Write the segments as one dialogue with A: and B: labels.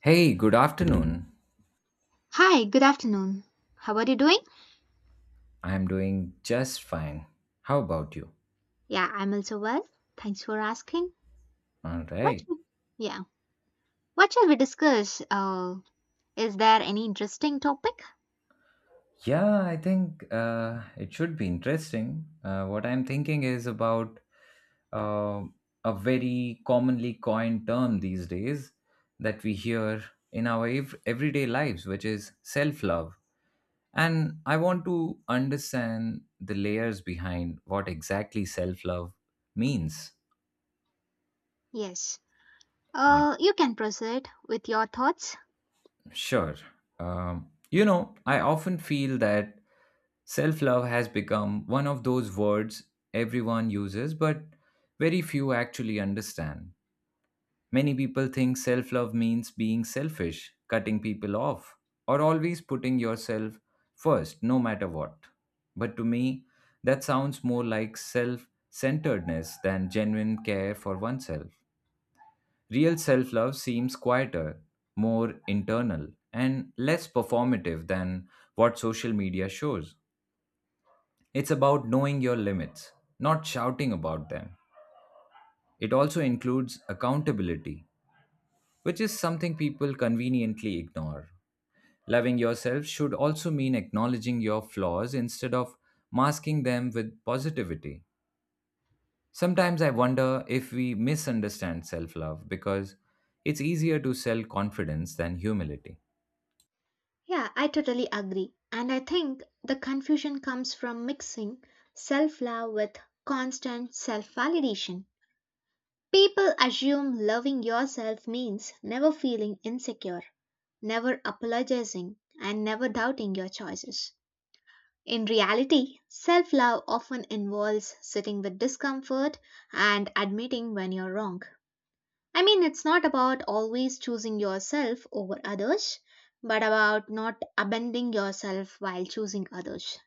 A: Hey, good afternoon.
B: Hi, good afternoon. How are you doing?
A: I'm doing just fine. How about you?
B: Yeah, I'm also well. Thanks for asking.
A: All
B: What
A: right.
B: should, yeah, what shall we discuss? Is there any interesting topic?
A: Yeah, I think it should be interesting. What I'm thinking is about uh, a very commonly coined term these days that we hear in our everyday lives, which is self love. And I want to understand the layers behind what exactly self love means.
B: Yes. You can proceed with your thoughts.
A: Sure. You know, I often feel that self love has become one of those words everyone uses, but very few actually understand. Many people think self love means being selfish, cutting people off, or always putting yourself first, no matter what. But to me, that sounds more like self centeredness than genuine care for oneself. Real self love seems quieter, more internal, and less performative than what social media shows. It's about knowing your limits, not shouting about them. It also includes accountability, which is something people conveniently ignore. Loving yourself should also mean acknowledging your flaws instead of masking them with positivity. Sometimes I wonder if we misunderstand self love because it's easier to sell confidence than humility.
B: Yeah, I totally agree. And I think the confusion comes from mixing self-love with constant self-validation. People assume loving yourself means never feeling insecure, never apologizing, and never doubting your choices. In reality, self love often involves sitting with discomfort and admitting when you're wrong. I mean, it's not about always choosing yourself over others, but about not abandoning yourself while choosing others.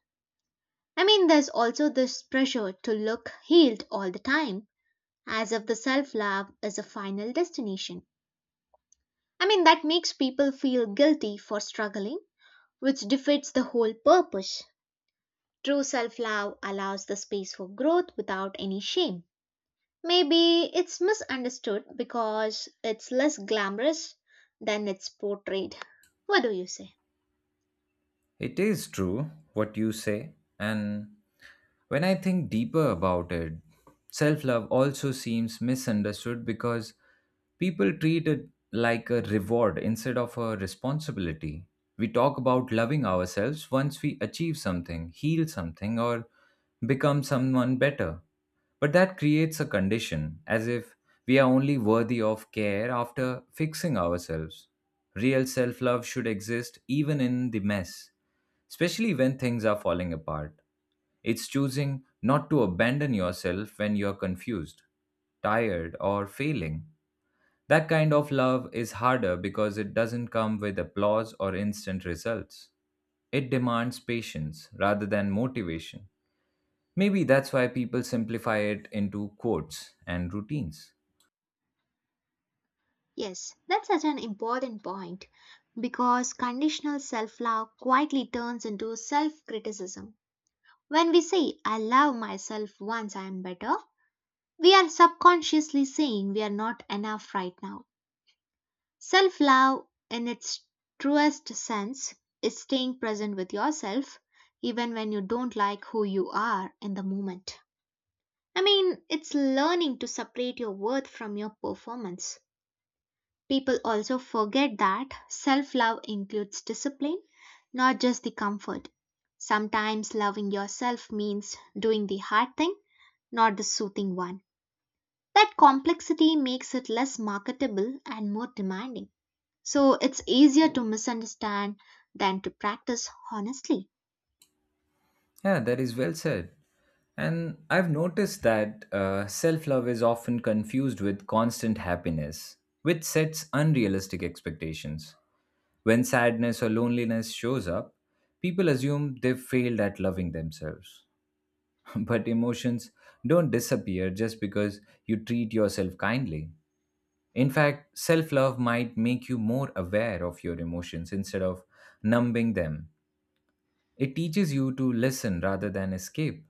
B: I mean, there's also this pressure to look healed all the time, as if the self love is a final destination. I mean, that makes people feel guilty for struggling, which defeats the whole purpose. True self love allows the space for growth without any shame. Maybe it's misunderstood because it's less glamorous than it's portrayed. What do you say?
A: It is true what you say, and when I think deeper about it, self love also seems misunderstood because people treat it like a reward instead of a responsibility. We talk about loving ourselves once we achieve something, heal something, or become someone better. But that creates a condition, as if we are only worthy of care after fixing ourselves. Real self love should exist even in the mess, especially when things are falling apart. It's choosing not to abandon yourself when you're confused, tired, or failing. That kind of love is harder because it doesn't come with applause or instant results. It demands patience rather than motivation. Maybe that's why people simplify it into quotes and routines.
B: Yes, that's such an important point because conditional self love quietly turns into self criticism. When we say, I love myself once I am better, we are subconsciously saying we are not enough right now. Self love, in its truest sense, is staying present with yourself even when you don't like who you are in the moment. I mean, it's learning to separate your worth from your performance. People also forget that self love includes discipline, not just the comfort. Sometimes loving yourself means doing the hard thing, not the soothing one. That complexity makes it less marketable and more demanding. So it's easier to misunderstand than to practice honestly.
A: Yeah, that is well said. And I've noticed that self love is often confused with constant happiness, which sets unrealistic expectations. When sadness or loneliness shows up, people assume they've failed at loving themselves. But emotions don't disappear just because you treat yourself kindly. In fact, self love might make you more aware of your emotions instead of numbing them. It teaches you to listen rather than escape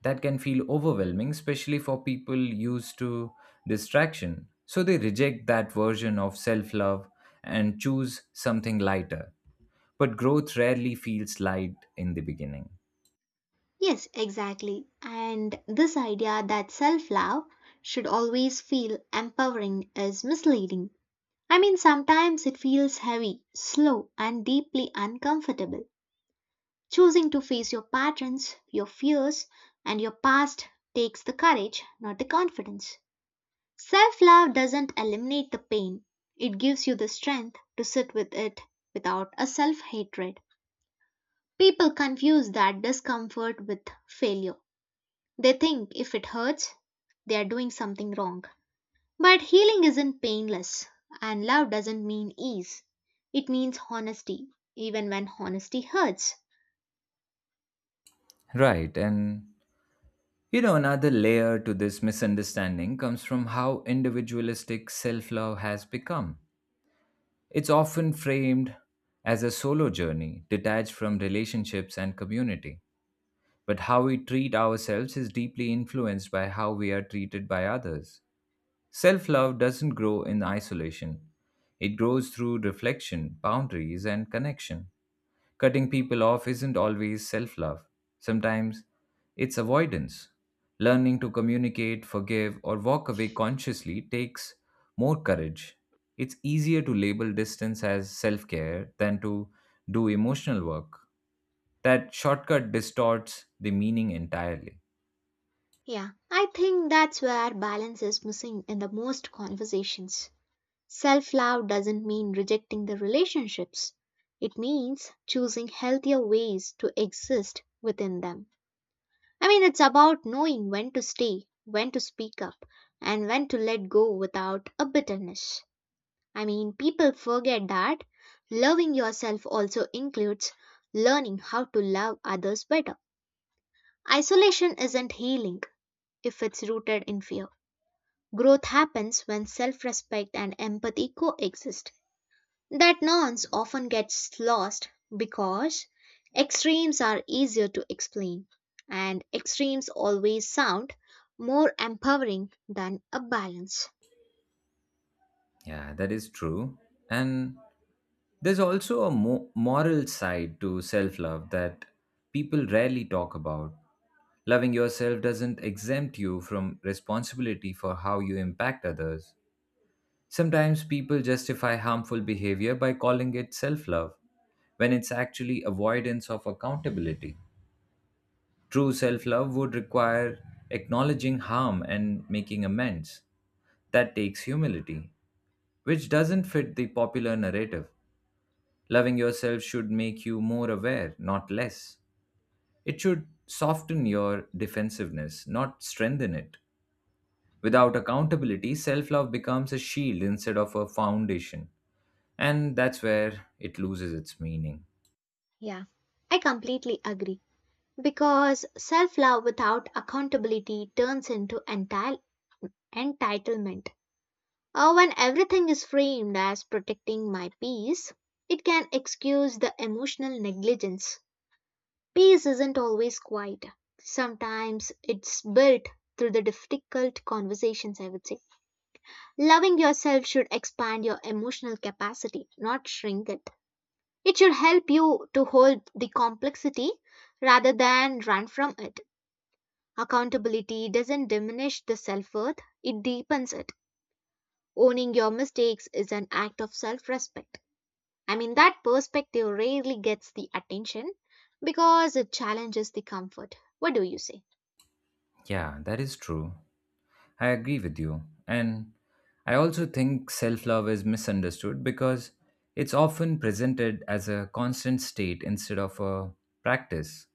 A: that can feel overwhelming, especially for people used to distraction. So they reject that version of self love and choose something lighter. But growth rarely feels light in the beginning.
B: Yes, exactly. And this idea that self love should always feel empowering is misleading. I mean, sometimes it feels heavy, slow, and deeply uncomfortable. Choosing to face your patterns, your fears, and your past takes the courage, not the confidence. Self love doesn't eliminate the pain, it gives you the strength to sit with it without a self hatred. People confuse that discomfort with failure. They think if it hurts, they are doing something wrong. But healing isn't painless, and love doesn't mean ease. It means honesty, even when honesty hurts.
A: Right. And, you know, another layer to this misunderstanding comes from how individualistic self love has become. It's often framed as a solo journey, detached from relationships and community. But how we treat ourselves is deeply influenced by how we are treated by others. Self love doesn't grow in isolation, it grows through reflection, boundaries, and connection. Cutting people off isn't always self love, sometimes it's avoidance. Learning to communicate, forgive, or walk away consciously takes more courage. It's easier to label distance as self care than to do emotional work that shortcut distorts the meaning entirely.
B: Yeah, I think that's where balance is missing in the most conversations. Self love doesn't mean rejecting the relationships, it means choosing healthier ways to exist within them. I mean, it's about knowing when to stay, when to speak up, and when to let go without a bitterness. I mean, people forget that loving yourself also includes learning how to love others better. Isolation isn't healing if it's rooted in fear. Growth happens when self respect and empathy coexist. That nuance often gets lost because extremes are easier to explain, and extremes always sound more empowering than a balance.
A: Yeah, that is true. And there's also a moral side to self love that people rarely talk about. Loving yourself doesn't exempt you from responsibility for how you impact others. Sometimes people justify harmful behavior by calling it self love, when it's actually avoidance of accountability. True self love would require acknowledging harm and making amends. That takes humility, which doesn't fit the popular narrative. Loving yourself should make you more aware, not less. It should soften your defensiveness, not strengthen it. Without accountability, self love becomes a shield instead of a foundation. And that's where it loses its meaning.
B: Yeah, I completely agree. Because self love without accountability turns into entire entitlement. When everything is framed as protecting my peace, it can excuse the emotional negligence. Peace isn't always quiet. Sometimes it's built through the difficult conversations, I would say. Loving yourself should expand your emotional capacity, not shrink it. It should help you to hold the complexity rather than run from it. Accountability doesn't diminish the self worth, it deepens it. Owning your mistakes is an act of self respect. I mean, that perspective rarely gets the attention because it challenges the comfort. What do you say?
A: Yeah, that is true. I agree with you. And I also think self love is misunderstood because it's often presented as a constant state instead of a practice.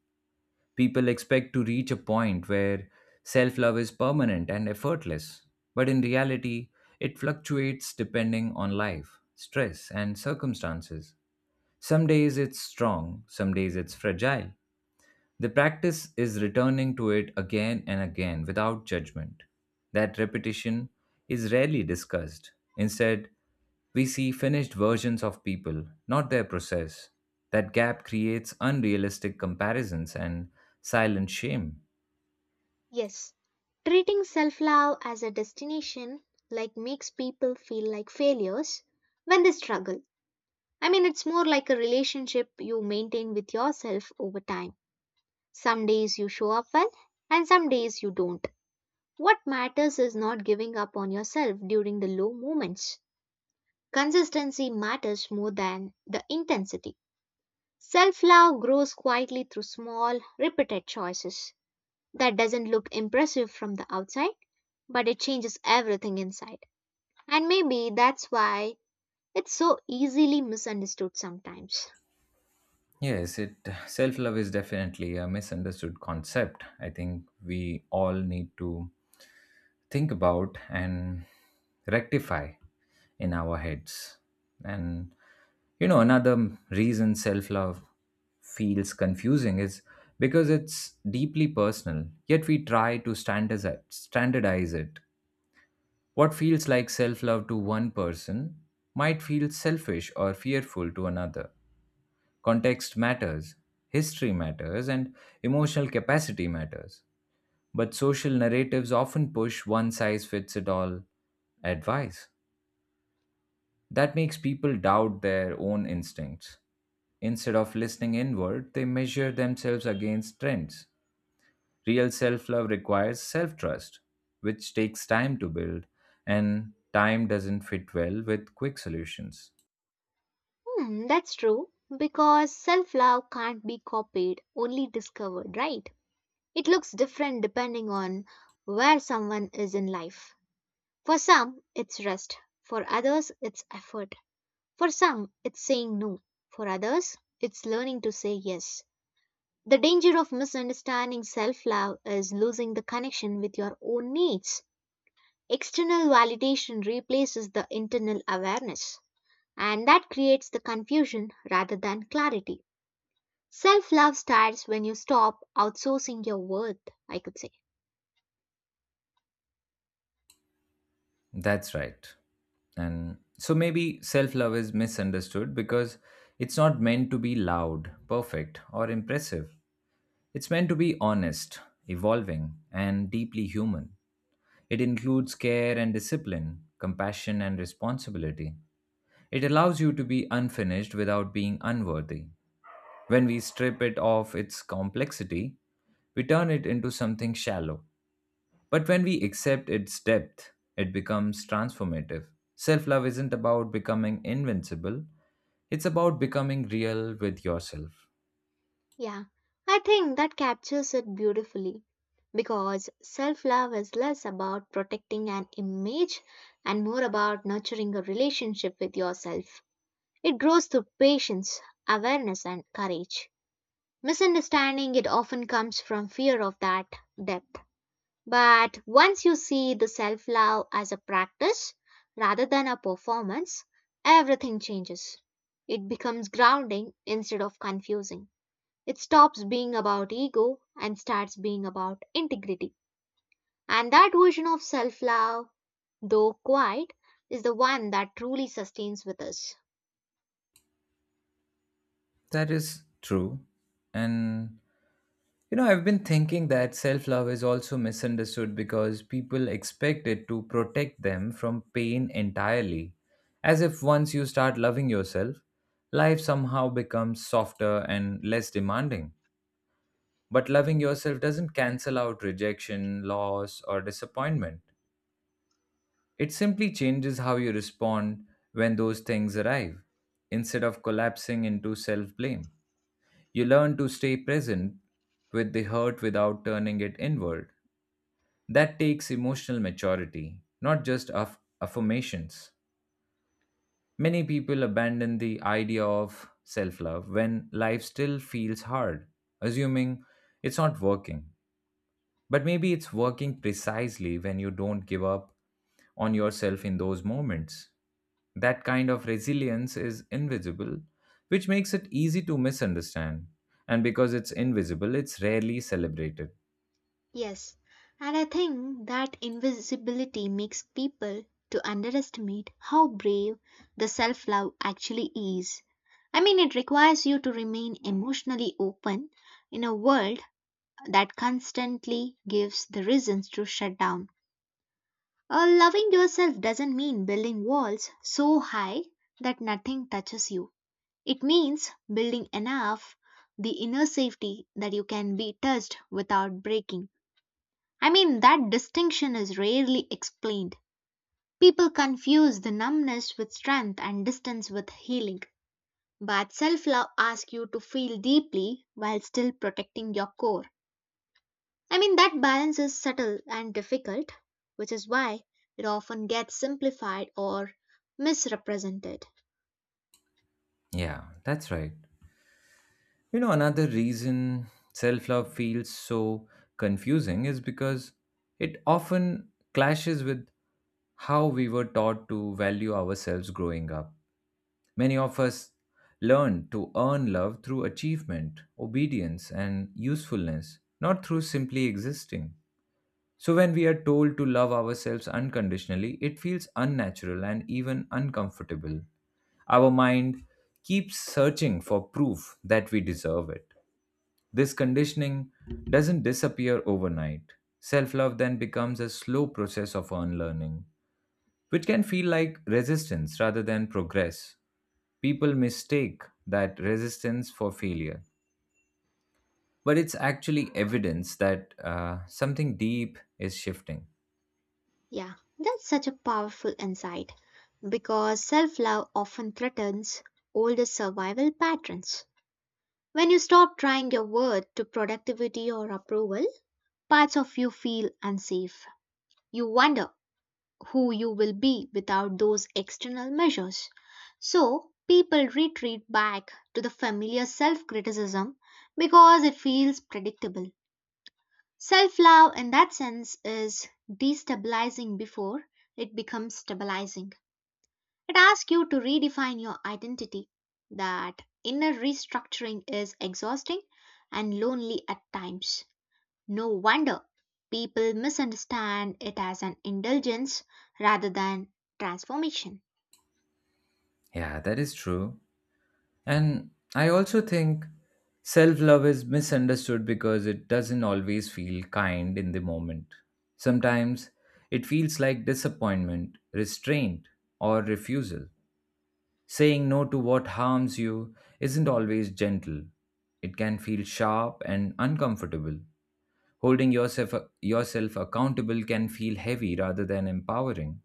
A: People expect to reach a point where self love is permanent and effortless, but in reality, it fluctuates depending on life, stress, and circumstances. Some days it's strong, some days it's fragile, the practice is returning to it again and again without judgment. That repetition is rarely discussed. Instead, we see finished versions of people, not their process. That gap creates unrealistic comparisons and silent shame.
B: Yes, treating self love as a destination like makes people feel like failures when they struggle. I mean, it's more like a relationship you maintain with yourself over time. Some days you show up well, and some days you don't. What matters is not giving up on yourself during the low moments. Consistency matters more than the intensity. Self love grows quietly through small, repeated choices that doesn't look impressive from the outside but it changes everything inside. And maybe that's why it's so easily misunderstood sometimes.
A: Yes, it self-love is definitely a misunderstood concept. I think we all need to think about and rectify in our heads. And you know, another reason self love feels confusing is because it's deeply personal, yet we try to standardize it. What feels like self love to one person might feel selfish or fearful to another. Context matters, history matters, and emotional capacity matters. But social narratives often push one size fits it all advice. That makes people doubt their own instincts. Instead of listening inward, they measure themselves against trends. Real self love requires self trust, which takes time to build, and time doesn't fit well with quick solutions.
B: Hmm, that's true. Because self love can't be copied, only discovered, right? It looks different depending on where someone is in life. For some, it's rest. For others, it's effort. For some, it's saying no. For others, it's learning to say yes. The danger of misunderstanding self love is losing the connection with your own needs. External validation replaces the internal awareness, and that creates the confusion rather than clarity. Self love starts when you stop outsourcing your worth, I could say.
A: That's right. And so maybe self love is misunderstood because it's not meant to be loud, perfect, or impressive. It's meant to be honest, evolving, and deeply human. It includes care and discipline, compassion and responsibility. It allows you to be unfinished without being unworthy. When we strip it of its complexity, we turn it into something shallow. But when we accept its depth, it becomes transformative. Self love isn't about becoming invincible, it's about becoming real with yourself.
B: Yeah, I think that captures it beautifully because self love is less about protecting an image and more about nurturing a relationship with yourself. It grows through patience, awareness, and courage. Misunderstanding it often comes from fear of that depth. But once you see the self love as a practice rather than a performance, everything changes. It becomes grounding instead of confusing. It stops being about ego and starts being about integrity. And that version of self love, though quiet, is the one that truly sustains with us.
A: That is true. And you know, I've been thinking that self love is also misunderstood because people expect it to protect them from pain entirely. As if once you start loving yourself, life somehow becomes softer and less demanding. But loving yourself doesn't cancel out rejection, loss, or disappointment. It simply changes how you respond when those things arrive, instead of collapsing into self blame. You learn to stay present with the hurt without turning it inward. That takes emotional maturity, not just affirmations. Many people abandon the idea of self love when life still feels hard, assuming it's not working. But maybe it's working precisely when you don't give up on yourself in those moments. That kind of resilience is invisible, which makes it easy to misunderstand. And because it's invisible, it's rarely celebrated.
B: Yes, and I think that invisibility makes people to underestimate how brave the self-love actually is. I mean, it requires you to remain emotionally open in a world that constantly gives the reasons to shut down. Loving yourself doesn't mean building walls so high that nothing touches you. It means building enough the inner safety that you can be touched without breaking. I mean, that distinction is rarely explained. People confuse the numbness with strength and distance with healing. But self love asks you to feel deeply while still protecting your core. I mean, that balance is subtle and difficult, which is why it often gets simplified or misrepresented.
A: Yeah, that's right. You know, another reason self love feels so confusing is because it often clashes with how we were taught to value ourselves growing up. Many of us learned to earn love through achievement, obedience, and usefulness, not through simply existing. So, when we are told to love ourselves unconditionally, it feels unnatural and even uncomfortable. Our mind keeps searching for proof that we deserve it. This conditioning doesn't disappear overnight. Self love then becomes a slow process of unlearning, which can feel like resistance rather than progress. People mistake that resistance for failure, but it's actually evidence that something deep is shifting.
B: Yeah, that's such a powerful insight because self love often threatens older survival patterns. When you stop trying your word to productivity or approval, parts of you feel unsafe. You wonder who you will be without those external measures. So, people retreat back to the familiar self criticism because it feels predictable. Self love, in that sense, is destabilizing before it becomes stabilizing. It asks you to redefine your identity. That inner restructuring is exhausting and lonely at times. No wonder people misunderstand it as an indulgence rather than transformation.
A: Yeah, that is true. And I also think self love is misunderstood because it doesn't always feel kind in the moment. Sometimes it feels like disappointment, restraint, or refusal. Saying no to what harms you isn't always gentle. It can feel sharp and uncomfortable. Holding yourself accountable can feel heavy rather than empowering.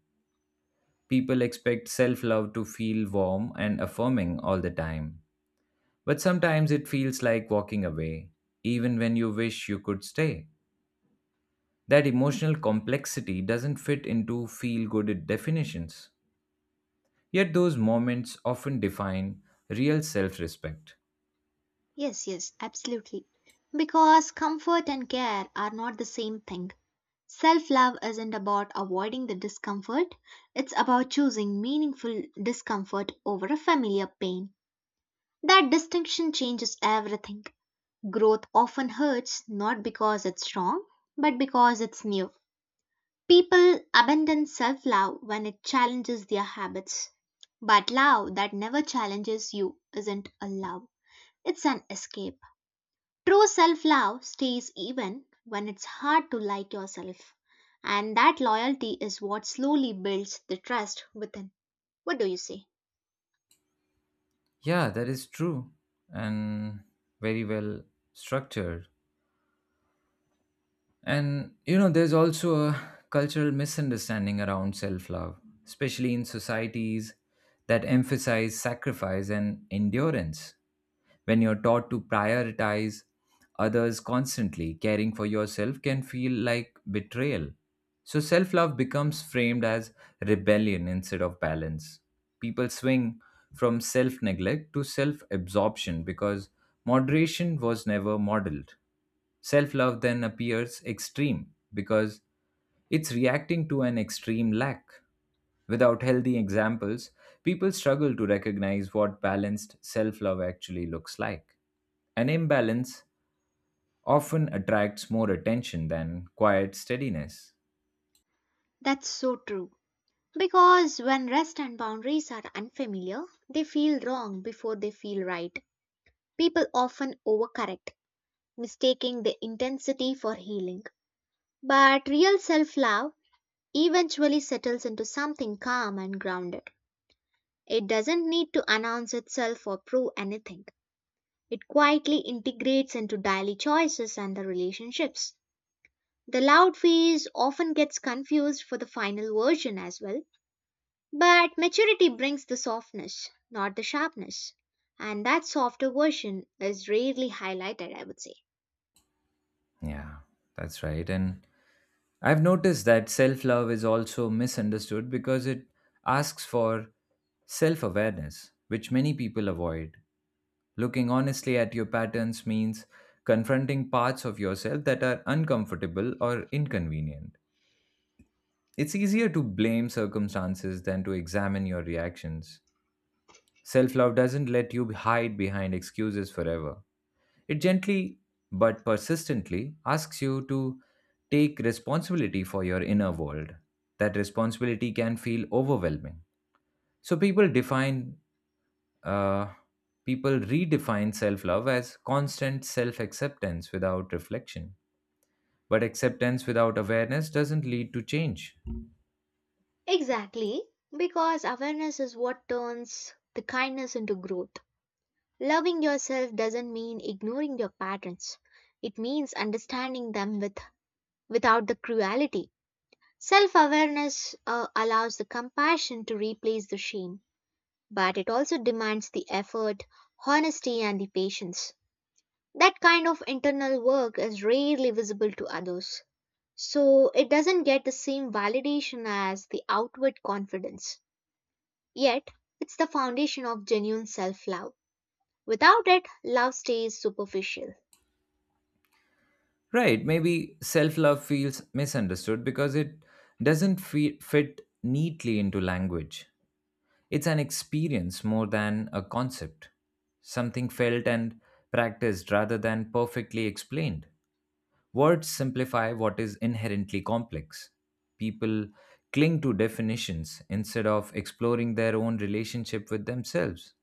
A: People expect self love to feel warm and affirming all the time, but sometimes it feels like walking away, even when you wish you could stay. That emotional complexity doesn't fit into feel good definitions. Yet those moments often define real self respect.
B: Yes, yes, absolutely. Because comfort and care are not the same thing. Self love isn't about avoiding the discomfort, it's about choosing meaningful discomfort over a familiar pain. That distinction changes everything. Growth often hurts not because it's wrong, but because it's new. People abandon self love when it challenges their habits. But love that never challenges you isn't a love, it's an escape. True self love stays even when it's hard to like yourself. And that loyalty is what slowly builds the trust within. What do you say?
A: Yeah, that is true and very well structured. And you know, there's also a cultural misunderstanding around self love, especially in societies that emphasize sacrifice and endurance. When you're taught to prioritize others constantly, caring for yourself can feel like betrayal. So, self love becomes framed as rebellion instead of balance. People swing from self neglect to self absorption because moderation was never modeled. Self love then appears extreme because it's reacting to an extreme lack. Without healthy examples, people struggle to recognize what balanced self love actually looks like. An imbalance often attracts more attention than quiet steadiness.
B: That's so true. Because when rest and boundaries are unfamiliar, they feel wrong before they feel right. People often overcorrect, mistaking the intensity for healing. But real self love eventually settles into something calm and grounded. It doesn't need to announce itself or prove anything. It quietly integrates into daily choices and the relationships. The loud phase often gets confused for the final version as well, but maturity brings the softness, not the sharpness. And that softer version is rarely highlighted, I would say.
A: Yeah, that's right. And I've noticed that self love is also misunderstood because it asks for self awareness, which many people avoid. Looking honestly at your patterns means confronting parts of yourself that are uncomfortable or inconvenient. It's easier to blame circumstances than to examine your reactions. Self love doesn't let you hide behind excuses forever. It gently but persistently asks you to take responsibility for your inner world. That responsibility can feel overwhelming. So uh, people redefine self love as constant self acceptance without reflection. But acceptance without awareness doesn't lead to change.
B: Exactly, because awareness is what turns the kindness into growth. Loving yourself doesn't mean ignoring your patterns. It means understanding them with without the cruelty. Self-awareness allows the compassion to replace the shame, but it also demands the effort, honesty and the patience. That kind of internal work is rarely visible to others. So it doesn't get the same validation as the outward confidence. Yet, it's the foundation of genuine self love. Without it, love stays superficial.
A: Right, maybe self love feels misunderstood because it doesn't fit neatly into language. It's an experience more than a concept, something felt and practiced rather than perfectly explained. Words simplify what is inherently complex. People cling to definitions instead of exploring their own relationship with themselves.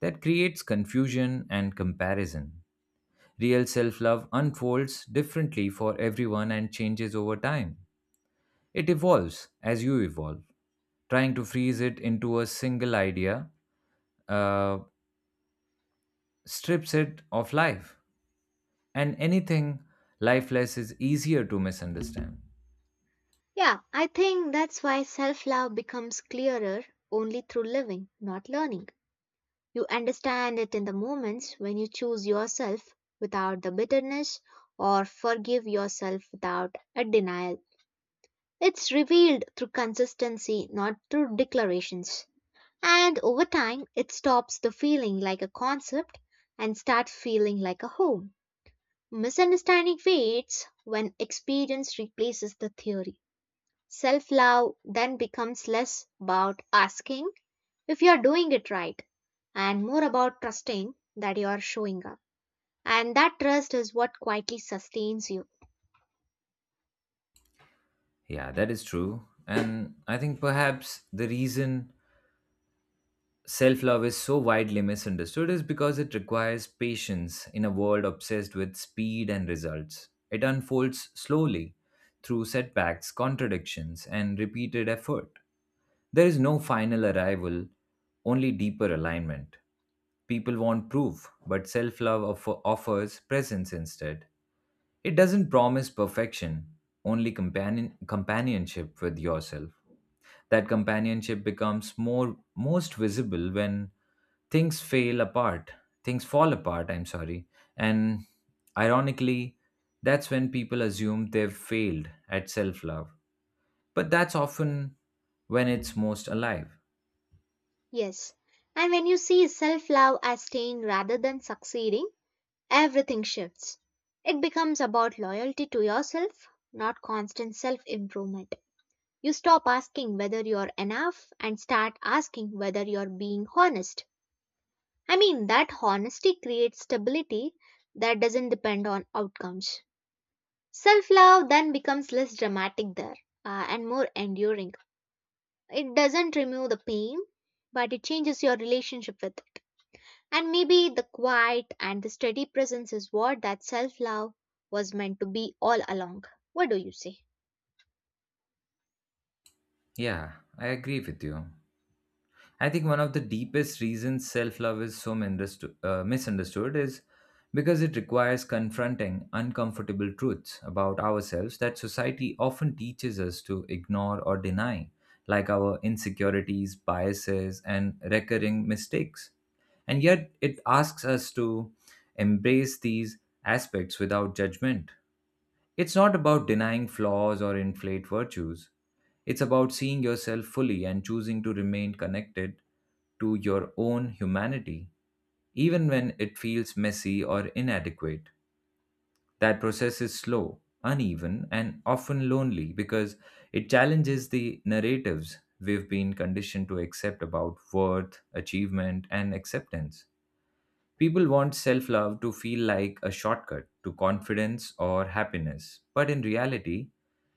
A: That creates confusion and comparison. Real self love unfolds differently for everyone and changes over time. It evolves as you evolve. Trying to freeze it into a single idea uh, strips it of life, and anything lifeless is easier to misunderstand.
B: Yeah, I think that's why self love becomes clearer only through living, not learning. You understand it in the moments when you choose yourself without the bitterness or forgive yourself without a denial. It's revealed through consistency, not through declarations. And over time, it stops the feeling like a concept and starts feeling like a home. Misunderstanding fades when experience replaces the theory. Self love then becomes less about asking if you are doing it right and more about trusting that you are showing up. And that trust is what quietly sustains you.
A: Yeah, that is true. And I think perhaps the reason self love is so widely misunderstood is because it requires patience in a world obsessed with speed and results. It unfolds slowly through setbacks, contradictions, and repeated effort. There is no final arrival, only deeper alignment. People want proof, but self love offers presence instead. It doesn't promise perfection, only companionship with yourself. That companionship becomes more most visible when things fail apart things fall apart, I'm sorry, and, ironically, that's when people assume they've failed at self-love, but that's often when it's most alive.
B: Yes. And when you see self love as staying rather than succeeding, everything shifts. It becomes about loyalty to yourself, not constant self improvement. You stop asking whether you're enough and start asking whether you're being honest. I mean, that honesty creates stability that doesn't depend on outcomes. Self love then becomes less dramatic there and more enduring. It doesn't remove the pain, but it changes your relationship with it. And maybe the quiet and the steady presence is what that self love was meant to be all along. What do you say?
A: Yeah, I agree with you. I think one of the deepest reasons self love is so misunderstood is because it requires confronting uncomfortable truths about ourselves that society often teaches us to ignore or deny, like our insecurities, biases, and recurring mistakes. And yet, it asks us to embrace these aspects without judgment. It's not about denying flaws or inflate virtues. It's about seeing yourself fully and choosing to remain connected to your own humanity, even when it feels messy or inadequate. That process is slow, uneven, and often lonely because it challenges the narratives we've been conditioned to accept about worth, achievement, and acceptance. People want self love to feel like a shortcut to confidence or happiness, but in reality,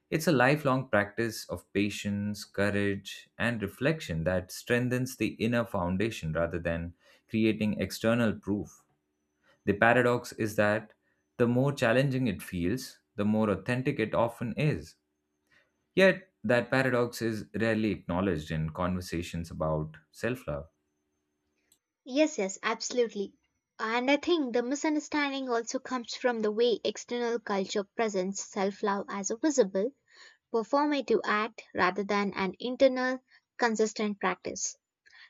A: it's a lifelong practice of patience, courage, and reflection that strengthens the inner foundation rather than creating external proof. The paradox is that the more challenging it feels, the more authentic it often is. Yet, that paradox is rarely acknowledged in conversations about self love.
B: Yes, yes, absolutely. And I think the misunderstanding also comes from the way external culture presents self love as a visible, performative act rather than an internal, consistent practice.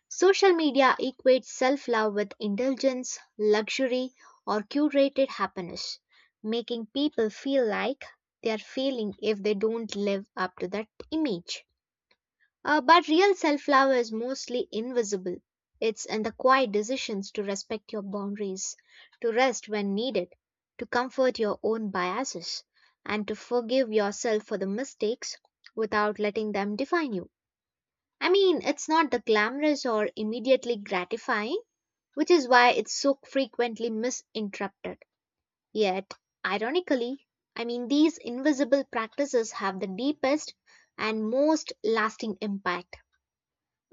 B: Social media equates self love with indulgence, luxury, or curated happiness, making people feel like they are failing if they don't live up to that image. But real self love is mostly invisible. It's in the quiet decisions to respect your boundaries, to rest when needed, to comfort your own biases, and to forgive yourself for the mistakes without letting them define you. I mean, it's not the glamorous or immediately gratifying, which is why it's so frequently misinterpreted. Yet, ironically, I mean, these invisible practices have the deepest and most lasting impact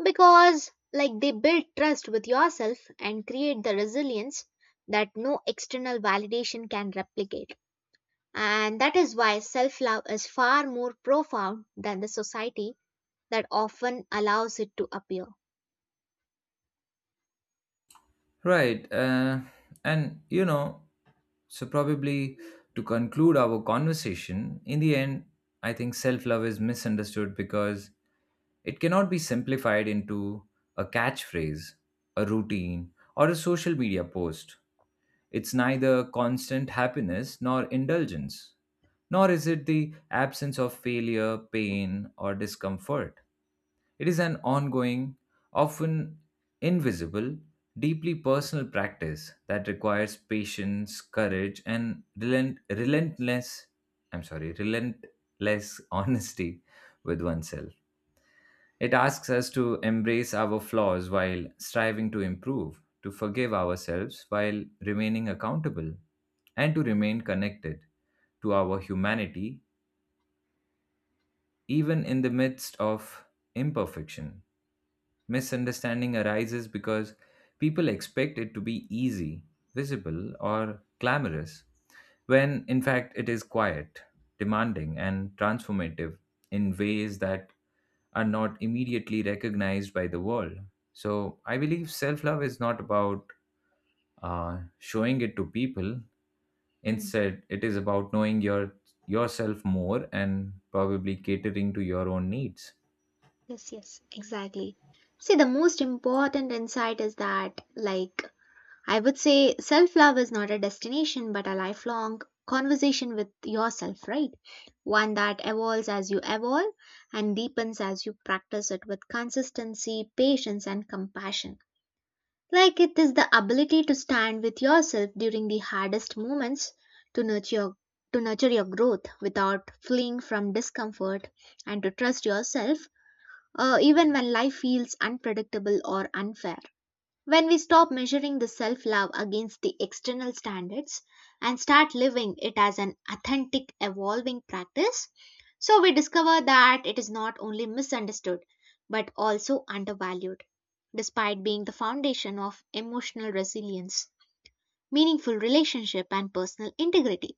B: because, like, they build trust with yourself and create the resilience that no external validation can replicate. And that is why self love is far more profound than the society that often allows it to appear.
A: Right. And you know, so probably to conclude our conversation, in the end, I think self love is misunderstood because it cannot be simplified into a catchphrase, a routine, or a social media post. It's neither constant happiness nor indulgence, nor is it the absence of failure, pain, or discomfort. It is an ongoing, often invisible, deeply personal practice that requires patience, courage, and relentless, relentless honesty with oneself. It asks us to embrace our flaws while striving to improve, to forgive ourselves while remaining accountable, and to remain connected to our humanity even in the midst of imperfection. Misunderstanding arises because people expect it to be easy, visible, or glamorous, when in fact it is quiet, demanding, and transformative in ways that are not immediately recognized by the world. So I believe self love is not about showing it to people.
B: Hmm.
A: Instead, it is about knowing your yourself more and probably catering to your own needs.
B: Yes, yes, exactly. See, the most important insight is that, like, I would say self love is not a destination but a lifelong conversation with yourself, right? One that evolves as you evolve and deepens as you practice it with consistency, patience, and compassion. Like it is the ability to stand with yourself during the hardest moments to nurture your growth without fleeing from discomfort and to trust yourself, even when life feels unpredictable or unfair. When we stop measuring the self love against the external standards and start living it as an authentic, evolving practice, so we discover that it is not only misunderstood but also undervalued, despite being the foundation of emotional resilience, meaningful relationship, and personal integrity.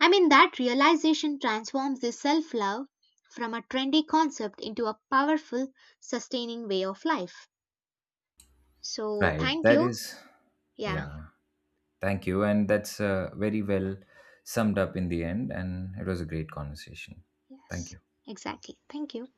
B: I mean, that realization transforms the self love from a trendy concept into a powerful, sustaining way of life. So,
A: Right.
B: thank
A: That
B: you.
A: is,
B: Yeah.
A: yeah. Thank you. And that's very well summed up in the end. And it was a great conversation. Thank
B: Yes,
A: you.
B: exactly. Thank you.